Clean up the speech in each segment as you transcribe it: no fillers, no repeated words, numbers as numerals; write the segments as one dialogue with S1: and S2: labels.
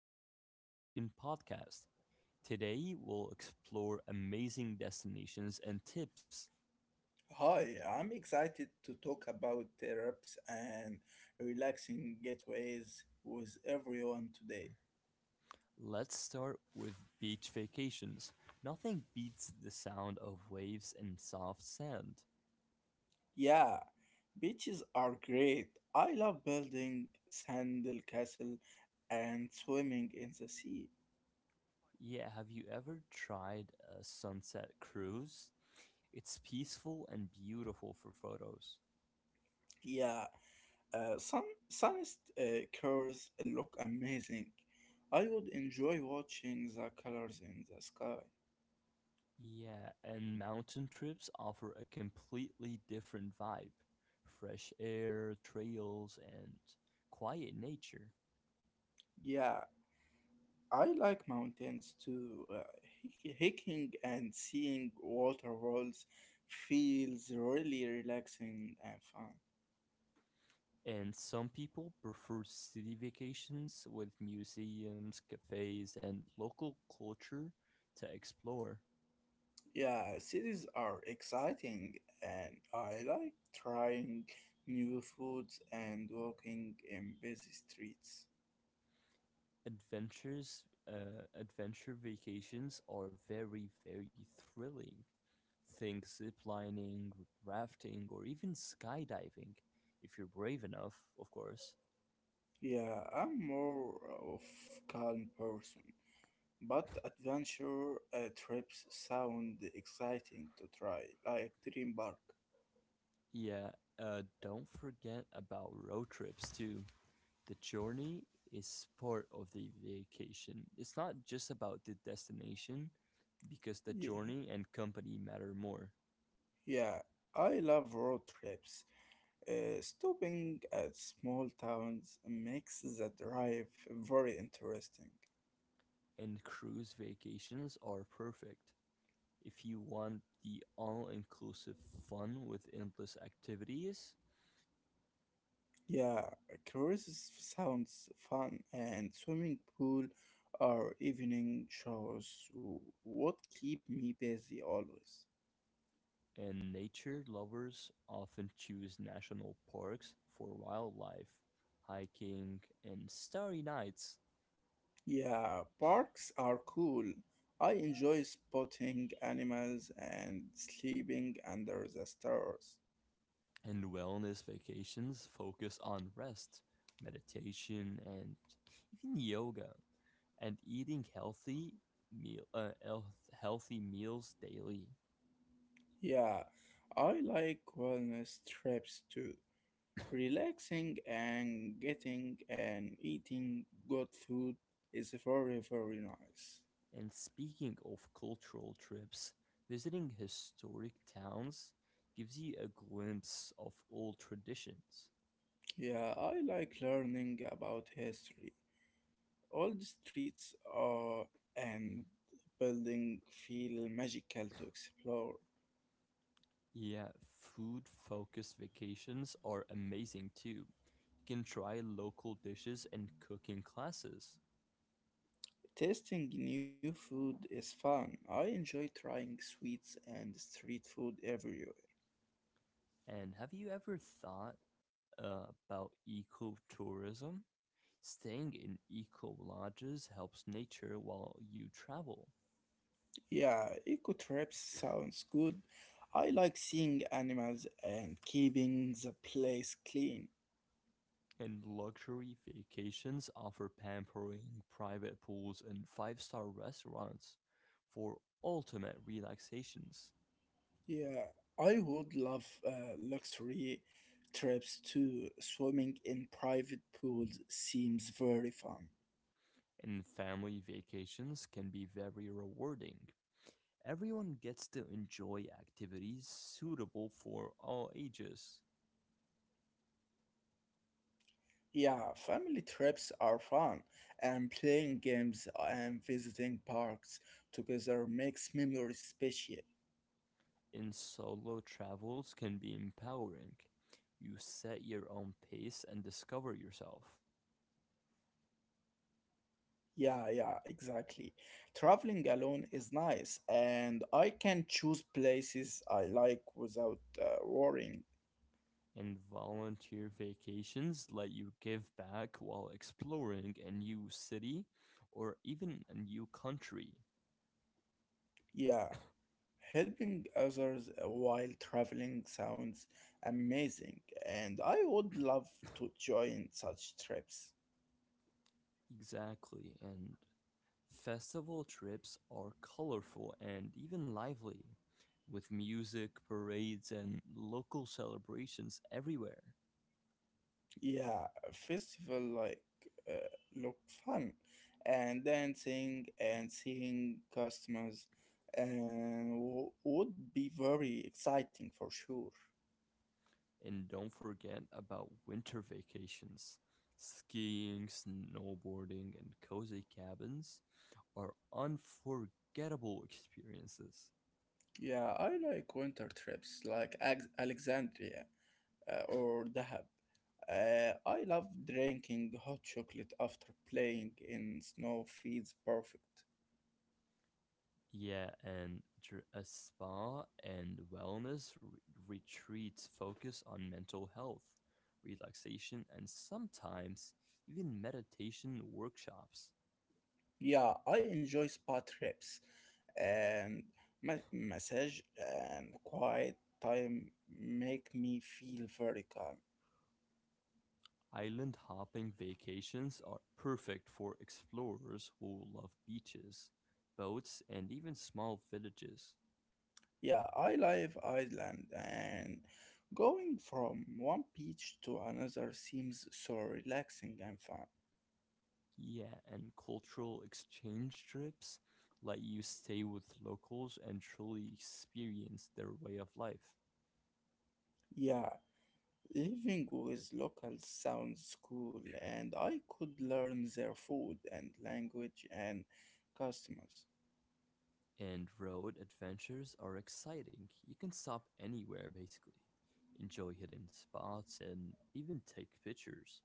S1: our vacation podcast. Today, we'll explore amazing destinations and tips.
S2: Hi, I'm excited to talk about trips and relaxing getaways with everyone today.
S1: Let's start with beach vacations. Nothing beats the sound of waves and soft sand.
S2: Yeah, beaches are great. I love building sandal castle and swimming in the sea.
S1: Yeah, have you ever tried a sunset cruise? It's peaceful and beautiful for photos.
S2: Yeah, sunset curves look amazing. I would enjoy watching the colors in the sky.
S1: Yeah, and mountain trips offer a completely different vibe, fresh air, trails, and quiet nature.
S2: Yeah, I like mountains too. Hiking and seeing waterfalls feels really relaxing and fun.
S1: And some people prefer city vacations with museums, cafes, and local culture to explore.
S2: Yeah, cities are exciting, and I like trying new foods and walking in busy streets.
S1: Adventures, adventure vacations are very, very thrilling. Think ziplining, rafting, or even skydiving, if you're brave enough, of course.
S2: Yeah, I'm more of calm person, but adventure trips sound exciting to try, like Dream Park.
S1: Yeah, don't forget about road trips too. The journey is part of the vacation. It's not just about the destination, because the
S2: Yeah.
S1: journey and company matter more.
S2: Yeah, I love road trips. Stopping at small towns makes the drive very interesting.
S1: And cruise vacations are perfect if you want the all inclusive fun with endless activities.
S2: Yeah, cruises sounds fun, and swimming pool or evening shows what keep me busy always.
S1: And nature lovers often choose national parks for wildlife, hiking, and starry nights.
S2: Yeah, parks are cool. I enjoy spotting animals and sleeping under the stars.
S1: And wellness vacations focus on rest, meditation, and even yoga, and eating meal, uh, health, healthy meals daily.
S2: Yeah, I like wellness trips too. Relaxing and getting and eating good food is very, very nice.
S1: And speaking of cultural trips, visiting historic towns gives you a glimpse of old traditions.
S2: Yeah, I like learning about history. Old streets are and building feel magical to explore.
S1: Yeah, food focused vacations are amazing too. You can try local dishes and cooking classes.
S2: Tasting new food is fun. I enjoy trying sweets and street food everywhere.
S1: And have you ever thought about ecotourism? Staying in eco lodges helps nature while you travel.
S2: Yeah, eco trips sounds good. I like seeing animals and keeping the place clean.
S1: And luxury vacations offer pampering, private pools, and five-star restaurants for ultimate relaxations.
S2: Yeah, I would love luxury trips too. Swimming in private pools seems very fun.
S1: And family vacations can be very rewarding. Everyone gets to enjoy activities suitable for all ages.
S2: Yeah, family trips are fun, and playing games and visiting parks together makes memories special.
S1: In solo travels can be empowering. You set your own pace and discover yourself.
S2: Yeah, yeah, exactly. Traveling alone is nice, and I can choose places I like without worrying.
S1: And volunteer vacations let you give back while exploring a new city or even a new country.
S2: Yeah, helping others while traveling sounds amazing, and I would love to join such trips.
S1: Exactly. And festival trips are colorful and even lively, with music, parades, and local celebrations everywhere.
S2: Yeah, a festival like uh, look fun, and dancing and seeing customers, and would be very exciting for sure.
S1: And don't forget about winter vacations. Skiing, snowboarding, and cozy cabins are unforgettable experiences.
S2: Yeah, I like winter trips like Alexandria or Dahab. I love drinking hot chocolate after playing in snow feels perfect.
S1: Yeah, and a spa and wellness retreats focus on mental health, relaxation, and sometimes even meditation workshops.
S2: Yeah, I enjoy spa trips and massage and quiet time make me feel very calm.
S1: Island hopping vacations are perfect for explorers who love beaches, boats, and even small villages.
S2: Yeah, I live Iceland and going from one beach to another seems so relaxing and fun.
S1: Yeah, and cultural exchange trips let you stay with locals and truly experience their way of life.
S2: Yeah, living with locals sounds cool, and I could learn their food and language and customs.
S1: And road adventures are exciting. You can stop anywhere basically, enjoy hidden spots, and even take pictures.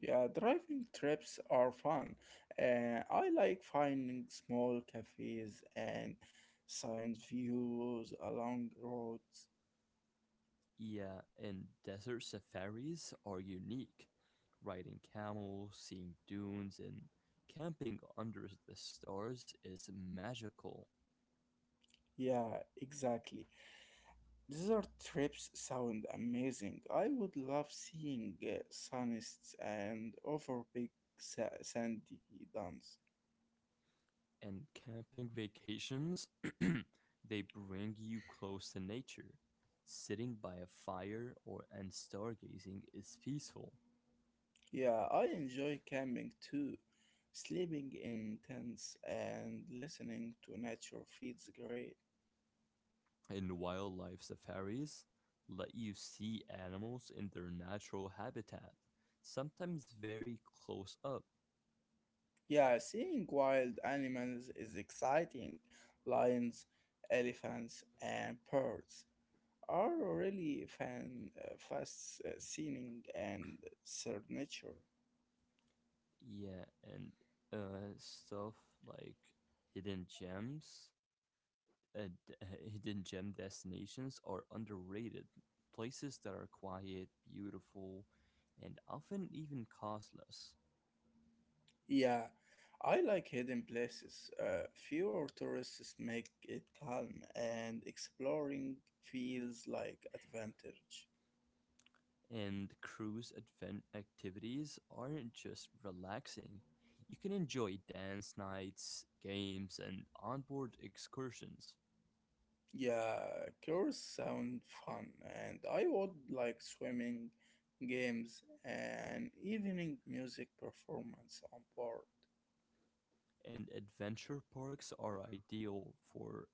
S2: Yeah, driving trips are fun. I like finding small cafes and science views along roads.
S1: Yeah, and desert safaris are unique. Riding camels, seeing dunes, and camping under the stars is magical.
S2: Yeah, exactly. Desert trips sound amazing. I would love seeing sunsets and over big sandy dunes.
S1: And camping vacations, they bring you close to nature. Sitting by a fire or and stargazing is peaceful.
S2: Yeah, I enjoy camping too. Sleeping in tents and listening to nature feels great.
S1: And wildlife safaris let you see animals in their natural habitat, sometimes very close up.
S2: Yeah, seeing wild animals is exciting. Lions, elephants, and birds are really fan fascinating and signature.
S1: Yeah, and stuff like hidden gems, d- hidden gem destinations are underrated. Places that are quiet, beautiful, and often even costless.
S2: Yeah, I like hidden places. Fewer tourists make it calm, and exploring feels like advantage.
S1: And cruise advent activities aren't just relaxing. You can enjoy dance nights, games, and onboard excursions.
S2: Yeah, cures sound fun, and I would like swimming games and evening music performance on board.
S1: And adventure parks are ideal for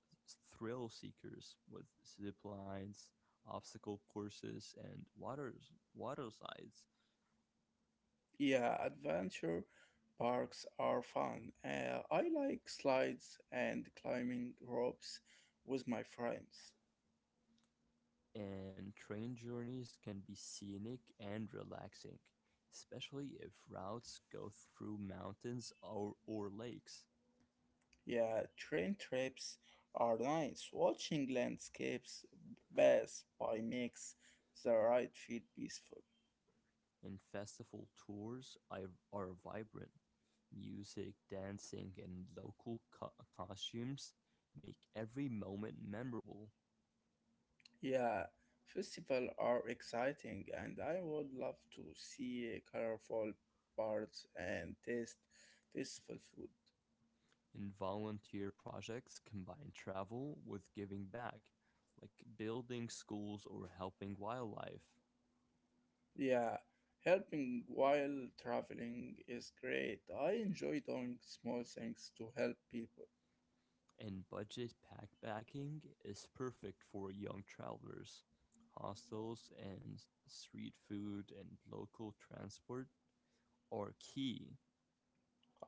S1: thrill seekers with zip lines, obstacle courses, and water slides.
S2: Yeah, adventure parks are fun. I like slides and climbing ropes with my friends.
S1: And train journeys can be scenic and relaxing, especially if routes go through mountains or lakes.
S2: Yeah, train trips are nice. Watching landscapes best by makes the ride feel peaceful.
S1: And festival tours are vibrant. Music, dancing, and local costumes make every moment memorable.
S2: Yeah, festivals are exciting, and I would love to see colorful parts and taste festival food.
S1: And volunteer projects combine travel with giving back, like building schools or helping wildlife.
S2: Yeah, helping while traveling is great. I enjoy doing small things to help people.
S1: And budget backpacking is perfect for young travelers. Hostels and street food and local transport are key.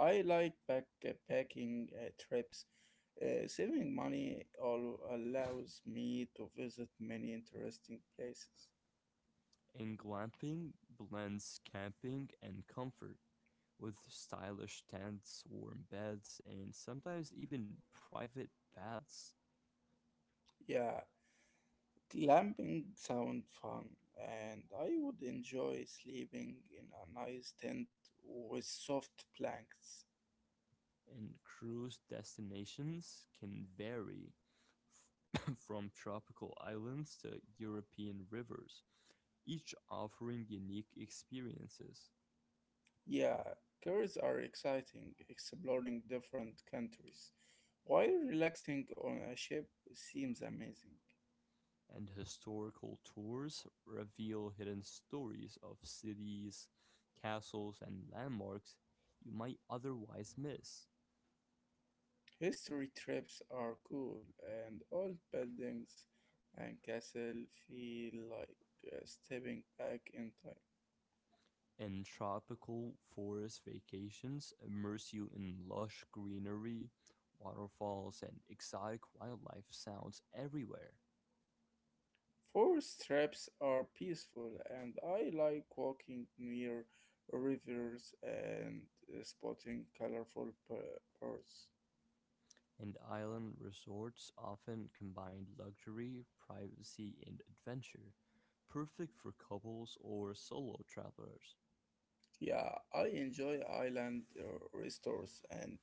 S2: I like backpacking trips. Saving money all allows me to visit many interesting places.
S1: And glamping blends camping and comfort with stylish tents, warm beds, and sometimes even private baths.
S2: Yeah, glamping sound fun, and I would enjoy sleeping in a nice tent with soft blankets.
S1: And cruise destinations can vary from tropical islands to European rivers, each offering unique experiences.
S2: Yeah, tours are exciting, exploring different countries, while relaxing on a ship seems amazing.
S1: And historical tours reveal hidden stories of cities, castles, and landmarks you might otherwise miss.
S2: History trips are cool, and old buildings and castle feel like stepping back in time.
S1: And tropical forest vacations immerse you in lush greenery, waterfalls, and exotic wildlife sounds everywhere.
S2: Forest traps are peaceful, and I like walking near rivers and spotting colorful birds.
S1: And island resorts often combine luxury, privacy, and adventure, perfect for couples or solo travelers.
S2: Yeah, I enjoy island resorts and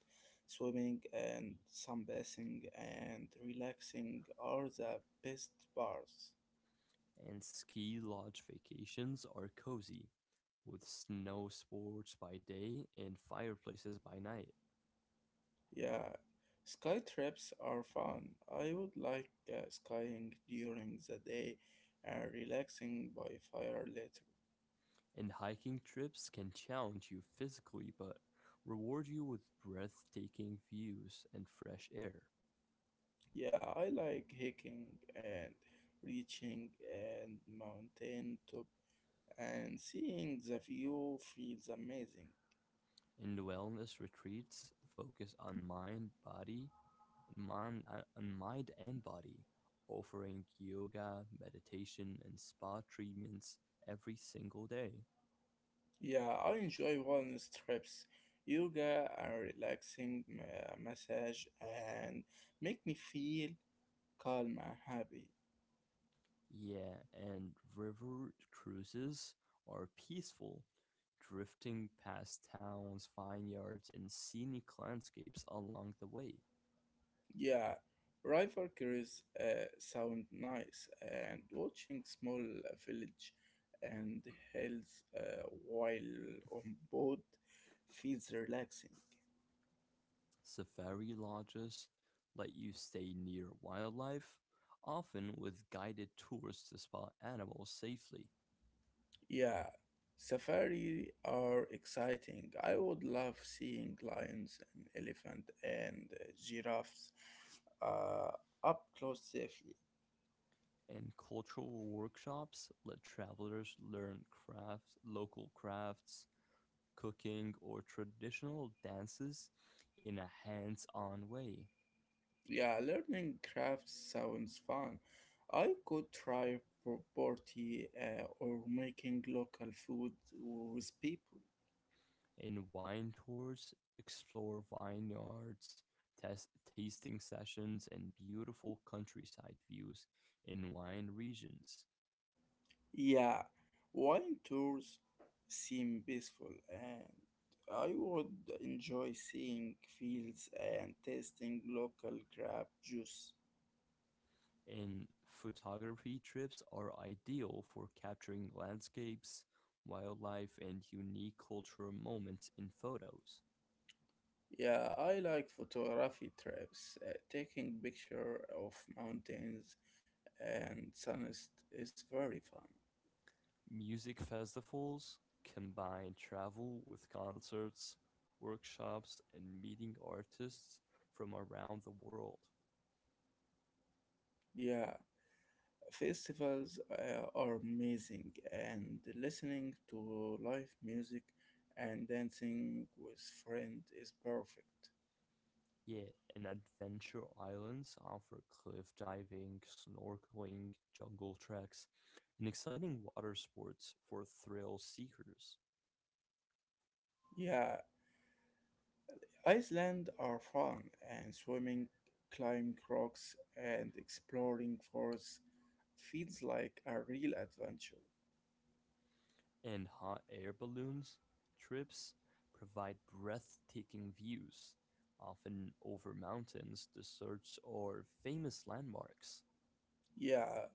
S2: swimming and sunbathing and relaxing are the best parts.
S1: And ski lodge vacations are cozy, with snow sports by day and fireplaces by night.
S2: Yeah, sky trips are fun. I would like skying during the day and relaxing by fire later.
S1: And hiking trips can challenge you physically but reward you with breathtaking views and fresh air.
S2: Yeah, I like hiking and reaching and mountain top and seeing the view feels amazing.
S1: And wellness retreats focus on mind and body, offering yoga, meditation, and spa treatments every single day.
S2: Yeah, I enjoy wellness trips, yoga and relaxing massage and make me feel calm and happy.
S1: Yeah, and river cruises are peaceful, drifting past towns, vineyards, and scenic landscapes along the way.
S2: Yeah, river cruise sound nice and watching small village and hills while on boat feels relaxing.
S1: Safari lodges let you stay near wildlife, often with guided tours to spot animals safely.
S2: Yeah, safari are exciting. I would love seeing lions and elephant and giraffes uh, up close safely.
S1: And cultural workshops let travelers learn local crafts, cooking, or traditional dances in a hands on way.
S2: Yeah, learning crafts sounds fun. I could try pottery or making local food with people.
S1: And wine tours explore vineyards, test, tasting sessions, and beautiful countryside views in wine regions.
S2: Yeah, wine tours seem peaceful, and I would enjoy seeing fields and tasting local grape juice.
S1: And photography trips are ideal for capturing landscapes, wildlife, and unique cultural moments in photos.
S2: Yeah, I like photography trips. Taking picture of mountains and suns is very fun.
S1: Music festivals combine travel with concerts, workshops, and meeting artists from around the world.
S2: Yeah, festivals are amazing, and listening to live music and dancing with friends is perfect.
S1: Yeah, and adventure islands offer cliff diving, snorkeling, jungle treks, and exciting water sports for thrill seekers.
S2: Yeah, Iceland are fun and swimming, climbing rocks, and exploring forests feels like a real adventure.
S1: And hot air balloons trips provide breathtaking views, often over mountains, deserts, or famous landmarks.
S2: Yeah,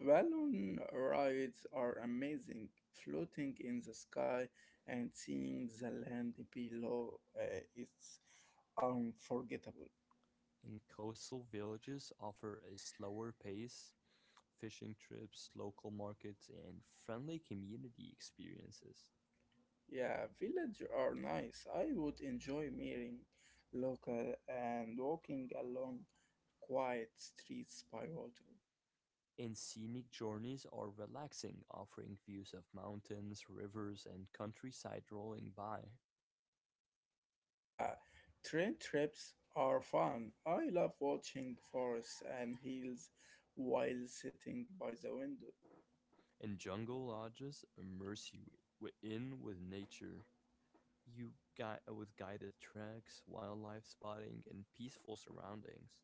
S2: balloon rides are amazing. Floating in the sky and seeing the land below is unforgettable.
S1: And coastal villages offer a slower pace, fishing trips, local markets, and friendly community experiences.
S2: Yeah, villages are nice. I would enjoy meeting local and walking along quiet streets by water.
S1: And scenic journeys are relaxing, offering views of mountains, rivers, and countryside rolling by.
S2: Yeah, train trips are fun. I love watching forests and hills while sitting by the window.
S1: And jungle lodges immerse you in with nature. With guided treks, wildlife spotting, and peaceful surroundings.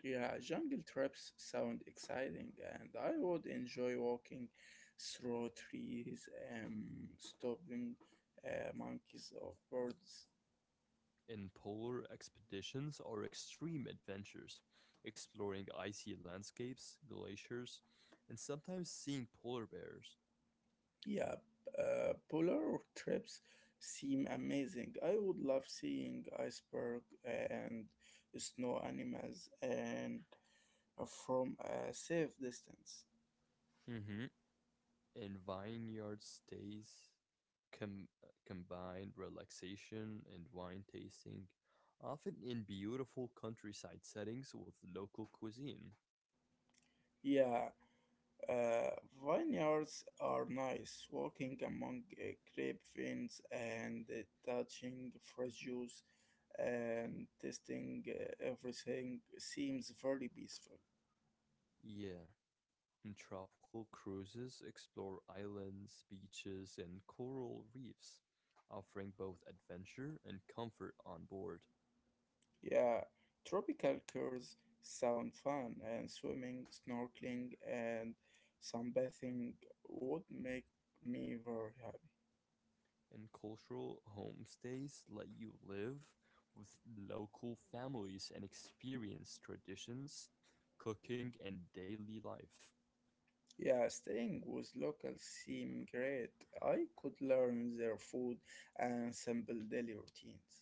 S2: Yeah, jungle trips sound exciting, and I would enjoy walking through trees and stopping monkeys or birds.
S1: In polar expeditions or extreme adventures, exploring icy landscapes, glaciers, and sometimes seeing polar bears.
S2: Yeah, polar trips seem amazing. I would love seeing iceberg and snow animals and from a safe distance.
S1: Mm-hmm. In vineyard stays com- combine relaxation and wine tasting, often in beautiful countryside settings with local cuisine.
S2: Yeah, uh, vineyards are nice. Walking among grape vines and touching fresh juice and tasting everything seems very peaceful.
S1: Yeah. Tropical cruises explore islands, beaches, and coral reefs, offering both adventure and comfort on board.
S2: Yeah, tropical cures sound fun, and swimming, snorkeling, and sunbathing would make me very happy.
S1: And cultural homestays let you live with local families and experience traditions, cooking, and daily life.
S2: Yeah, staying with locals seemed great. I could learn their food and sample daily routines.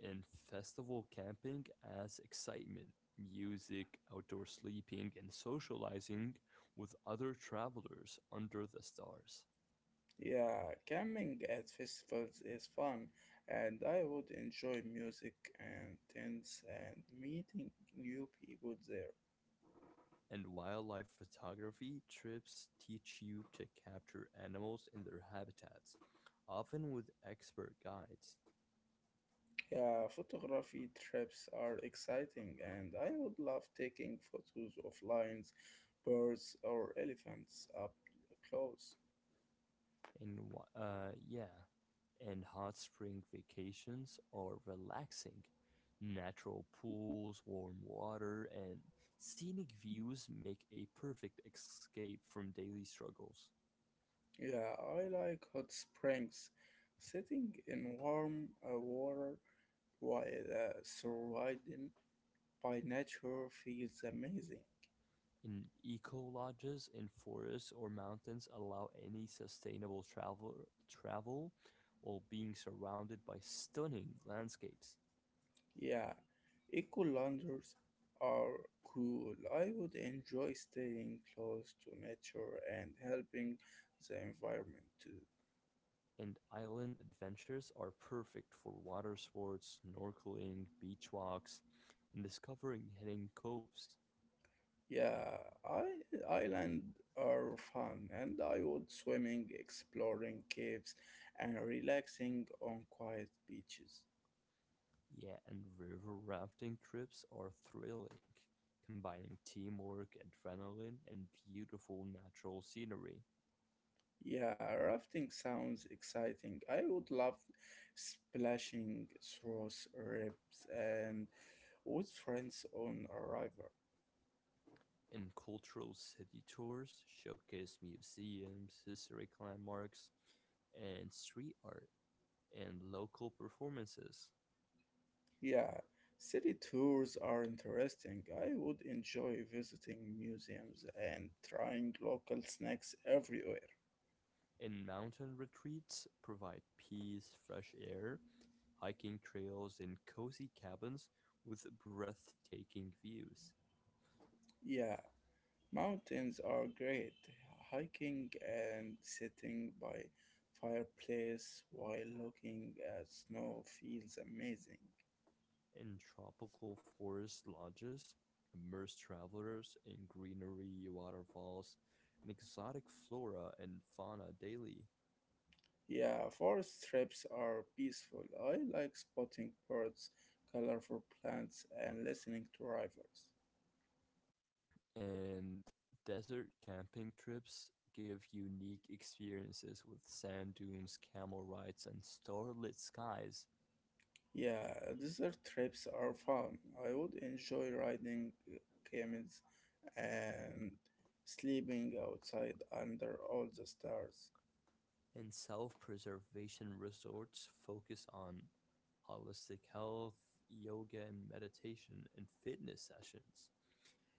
S1: And festival camping adds excitement, music, outdoor sleeping, and socializing with other travelers under the stars.
S2: Yeah, camping at festivals is fun, and I would enjoy music and tents and meeting new people there.
S1: And wildlife photography trips teach you to capture animals in their habitats, often with expert guides.
S2: Yeah, photography trips are exciting, and I would love taking photos of lions, birds, or elephants up close.
S1: And hot spring vacations are relaxing. Natural pools, warm water, and scenic views make a perfect escape from daily struggles.
S2: Yeah, I like hot springs. Sitting in warm water while surrounded by nature feels amazing.
S1: Eco-lodges in forests or mountains allow any sustainable travel while being surrounded by stunning landscapes.
S2: Yeah, eco loungers are cool. I would enjoy staying close to nature and helping the environment too.
S1: And island adventures are perfect for water sports, snorkeling, beach walks, and discovering hidden coves.
S2: Yeah, I island are fun and I would swimming, exploring caves and relaxing on quiet beaches.
S1: Yeah, and river rafting trips are thrilling, combining teamwork, adrenaline, and beautiful natural scenery.
S2: Yeah, rafting sounds exciting. I would love splashing through ribs and with friends on a river.
S1: And cultural city tours showcase museums, historic landmarks, and street art and local performances.
S2: Yeah, city tours are interesting. I would enjoy visiting museums and trying local snacks everywhere.
S1: And mountain retreats provide peace, fresh air, hiking trails, and cozy cabins with breathtaking views.
S2: Yeah, mountains are great. Hiking and sitting by fireplace while looking at snow feels amazing.
S1: And tropical forest lodges immerse travelers in greenery, waterfalls, and exotic flora and fauna daily.
S2: Yeah, forest trips are peaceful. I like spotting birds, colorful plants, and listening to rivers.
S1: And desert camping trips give unique experiences with sand dunes, camel rides, and starlit skies.
S2: Yeah, desert trips are fun. I would enjoy riding camels and sleeping outside under all the stars.
S1: And self preservation resorts focus on holistic health, yoga and meditation, and fitness sessions,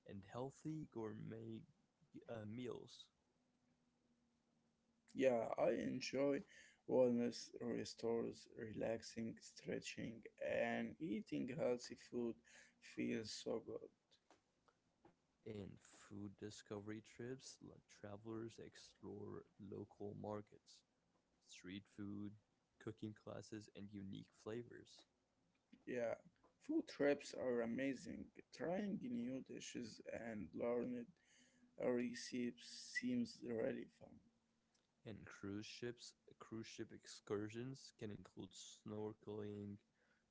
S1: and healthy gourmet meals.
S2: Yeah, I enjoy wellness restores, relaxing, stretching, and eating healthy food feels so good.
S1: In food discovery trips, let travelers explore local markets, street food, cooking classes, and unique flavors.
S2: Yeah, food trips are amazing. Trying new dishes and learning recipes seems really fun.
S1: And cruise ship excursions can include snorkeling,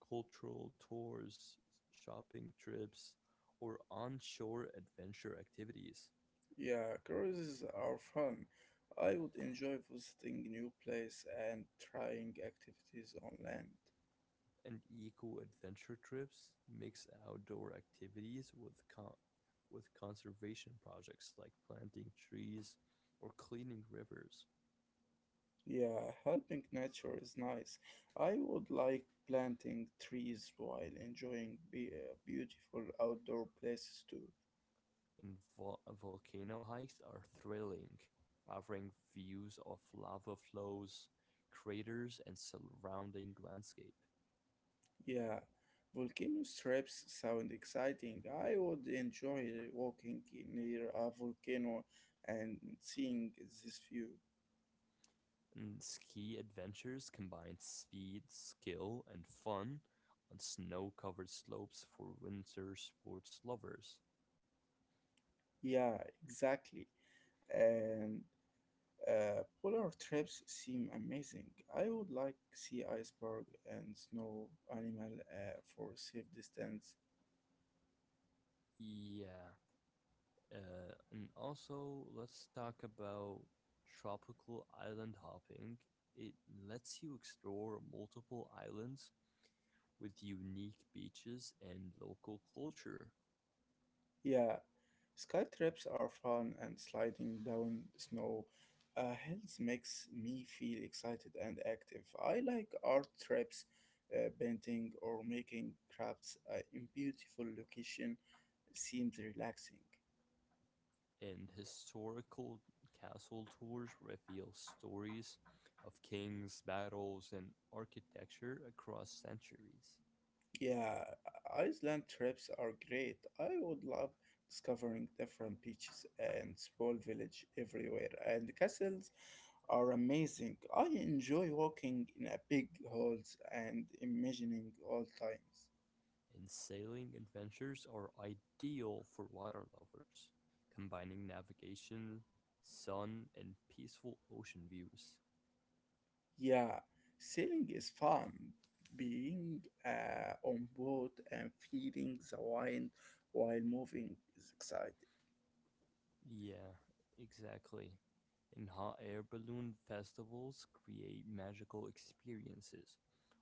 S1: cultural tours, shopping trips, or onshore adventure activities.
S2: Yeah, cruises are fun. I would enjoy visiting new place and trying activities on land.
S1: And eco adventure trips mix outdoor activities with conservation projects like planting trees or cleaning rivers.
S2: Yeah, helping nature is nice. I would like planting trees while enjoying beautiful outdoor places too.
S1: In volcano hikes are thrilling, offering views of lava flows, craters, and surrounding landscape.
S2: Yeah, volcano trips sound exciting. I would enjoy walking near a volcano and seeing this view.
S1: And ski adventures combine speed, skill, and fun on snow covered slopes for winter sports lovers.
S2: Yeah, exactly. And polar trips seem amazing. I would like see iceberg and snow animal for safe distance.
S1: Yeah. And also, let's talk about tropical island hopping. It lets you explore multiple islands with unique beaches and local culture.
S2: Yeah, sky trips are fun and sliding down snow hills makes me feel excited and active. I like art trips, painting or making crafts in beautiful location seems relaxing.
S1: And historical castle tours reveal stories of kings, battles, and architecture across centuries.
S2: Yeah, Iceland trips are great. I would love discovering different beaches and small village everywhere and castles are amazing. I enjoy walking in a big halls and imagining all times.
S1: And sailing adventures are ideal for water lovers, combining navigation, sun, and peaceful ocean views.
S2: Yeah, sailing is fun. Being on board and feeling the wind while moving is exciting.
S1: Yeah, exactly. And hot air balloon festivals create magical experiences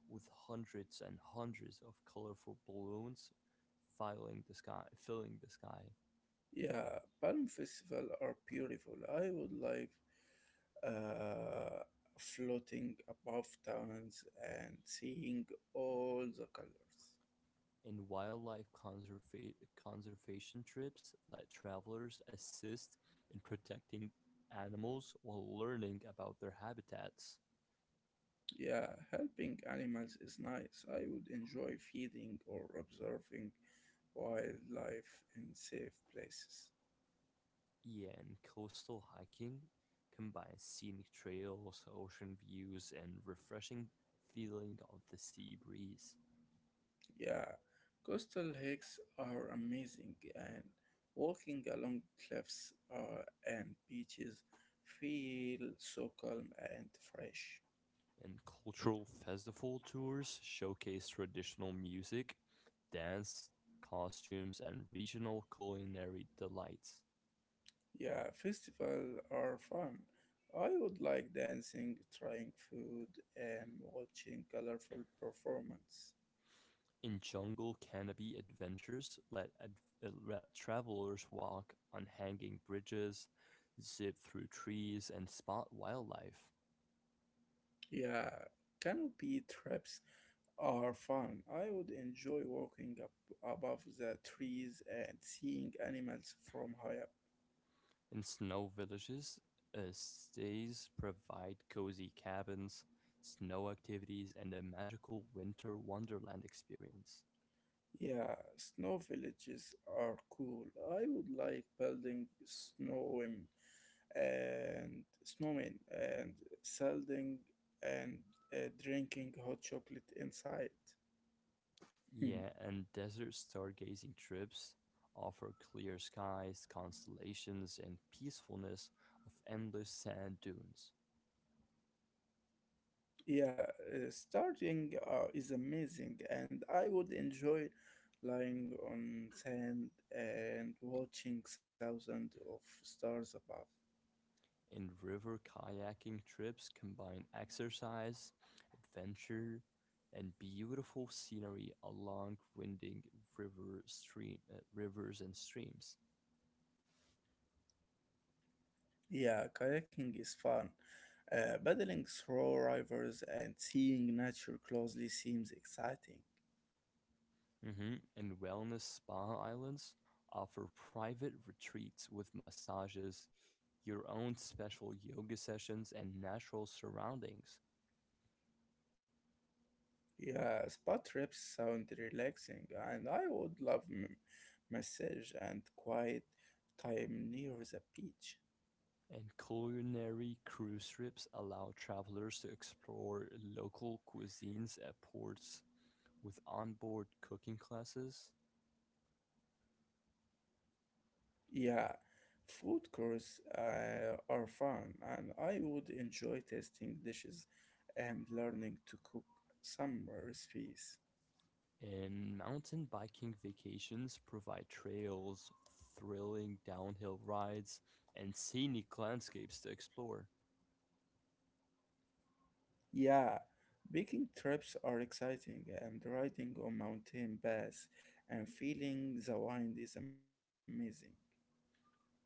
S1: with hundreds and hundreds of colorful balloons filling the sky.
S2: Yeah, Palm Festival are beautiful. I would like uh, floating above towns and seeing all the colors.
S1: And conservation trips let travelers assist in protecting animals while learning about their habitats.
S2: Yeah, helping animals is nice. I would enjoy feeding or observing wildlife in safe places.
S1: Yeah, and coastal hiking combines scenic trails, ocean views, and refreshing feeling of the sea breeze.
S2: Yeah, coastal hikes are amazing, and walking along cliffs and beaches feel so calm and fresh.
S1: And cultural festival tours showcase traditional music, dance, costumes, and regional culinary delights.
S2: Yeah, festivals are fun. I would like dancing, trying food, and watching colorful performance.
S1: In jungle canopy adventures let travelers walk on hanging bridges, zip through trees, and spot wildlife.
S2: Yeah, canopy trips are fun. I would enjoy walking up above the trees and seeing animals from high up.
S1: In snow villages, stays provide cozy cabins, snow activities, and a magical winter wonderland experience.
S2: Yeah, snow villages are cool. I would like building snow and snowmen and selling and drinking hot chocolate inside.
S1: Yeah, and desert stargazing trips offer clear skies, constellations, and peacefulness of endless sand dunes.
S2: Yeah, starting is amazing, and I would enjoy lying on sand and watching thousands of stars above.
S1: And river kayaking trips combine exercise, adventure, and beautiful scenery along winding rivers and streams.
S2: Yeah, kayaking is fun. Paddling through rivers and seeing nature closely seems exciting.
S1: Mhm. And wellness spa islands offer private retreats with massages, your own special yoga sessions, and natural surroundings.
S2: Yeah, spa trips sound relaxing, and I would love massage and quiet time near the beach.
S1: And culinary cruise ships allow travelers to explore local cuisines at ports with onboard cooking classes.
S2: Yeah, food courses are fun, and I would enjoy tasting dishes and learning to cook some recipes.
S1: And mountain biking vacations provide trails, thrilling downhill rides, and scenic landscapes to explore.
S2: Yeah, baking trips are exciting, and riding on mountain paths and feeling the wind is amazing.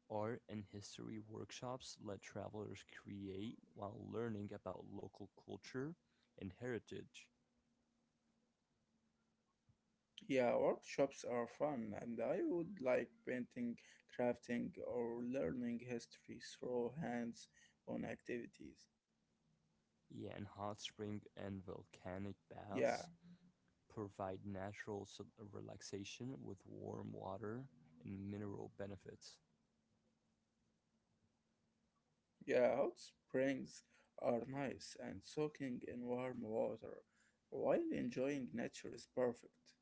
S1: Art and history workshops let travelers create while learning about local culture and heritage.
S2: Yeah, workshops are fun, and I would like painting, crafting, or learning history through hands on activities.
S1: Yeah, and hot spring and volcanic
S2: Yeah,
S1: baths provide relaxation with warm water and mineral benefits.
S2: yeah, hot springs are nice and soaking in warm water while enjoying nature is perfect.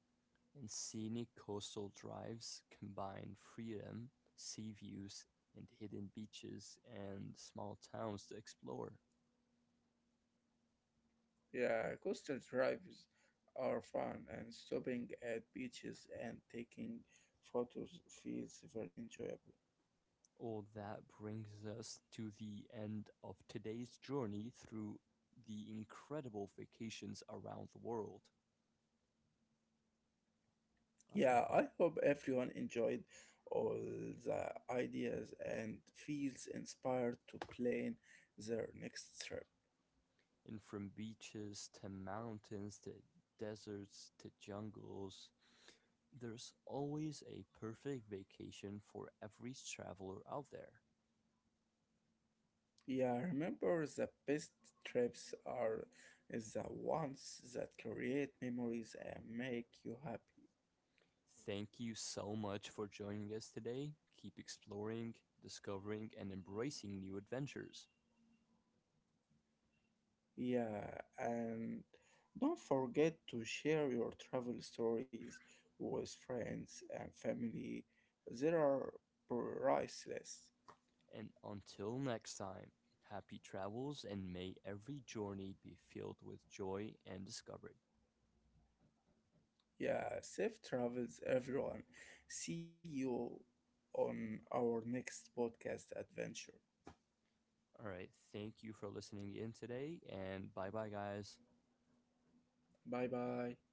S1: And scenic coastal drives combine freedom, sea views, and hidden beaches and small towns to explore.
S2: Yeah, coastal drives are fun and stopping at beaches and taking photos feels very enjoyable.
S1: All that brings us to the end of today's journey through the incredible vacations around the world, I
S2: Yeah, I
S1: hope.
S2: hope everyone enjoyed all the ideas and feels inspired to plan their next trip.
S1: And from beaches to mountains to deserts to jungles, there's always a perfect vacation for every traveler out there.
S2: Yeah, remember the best trips are the ones that create memories and make you happy.
S1: Thank you so much for joining us today. Keep exploring, discovering, and embracing new adventures.
S2: Yeah, and don't forget to share your travel stories with friends and family. They are priceless.
S1: And until next time, happy travels and may every journey be filled with joy and discovery.
S2: Yeah, safe travels, everyone. See you on our next podcast adventure.
S1: All right. Thank you for listening in today and bye bye, guys.
S2: Bye bye.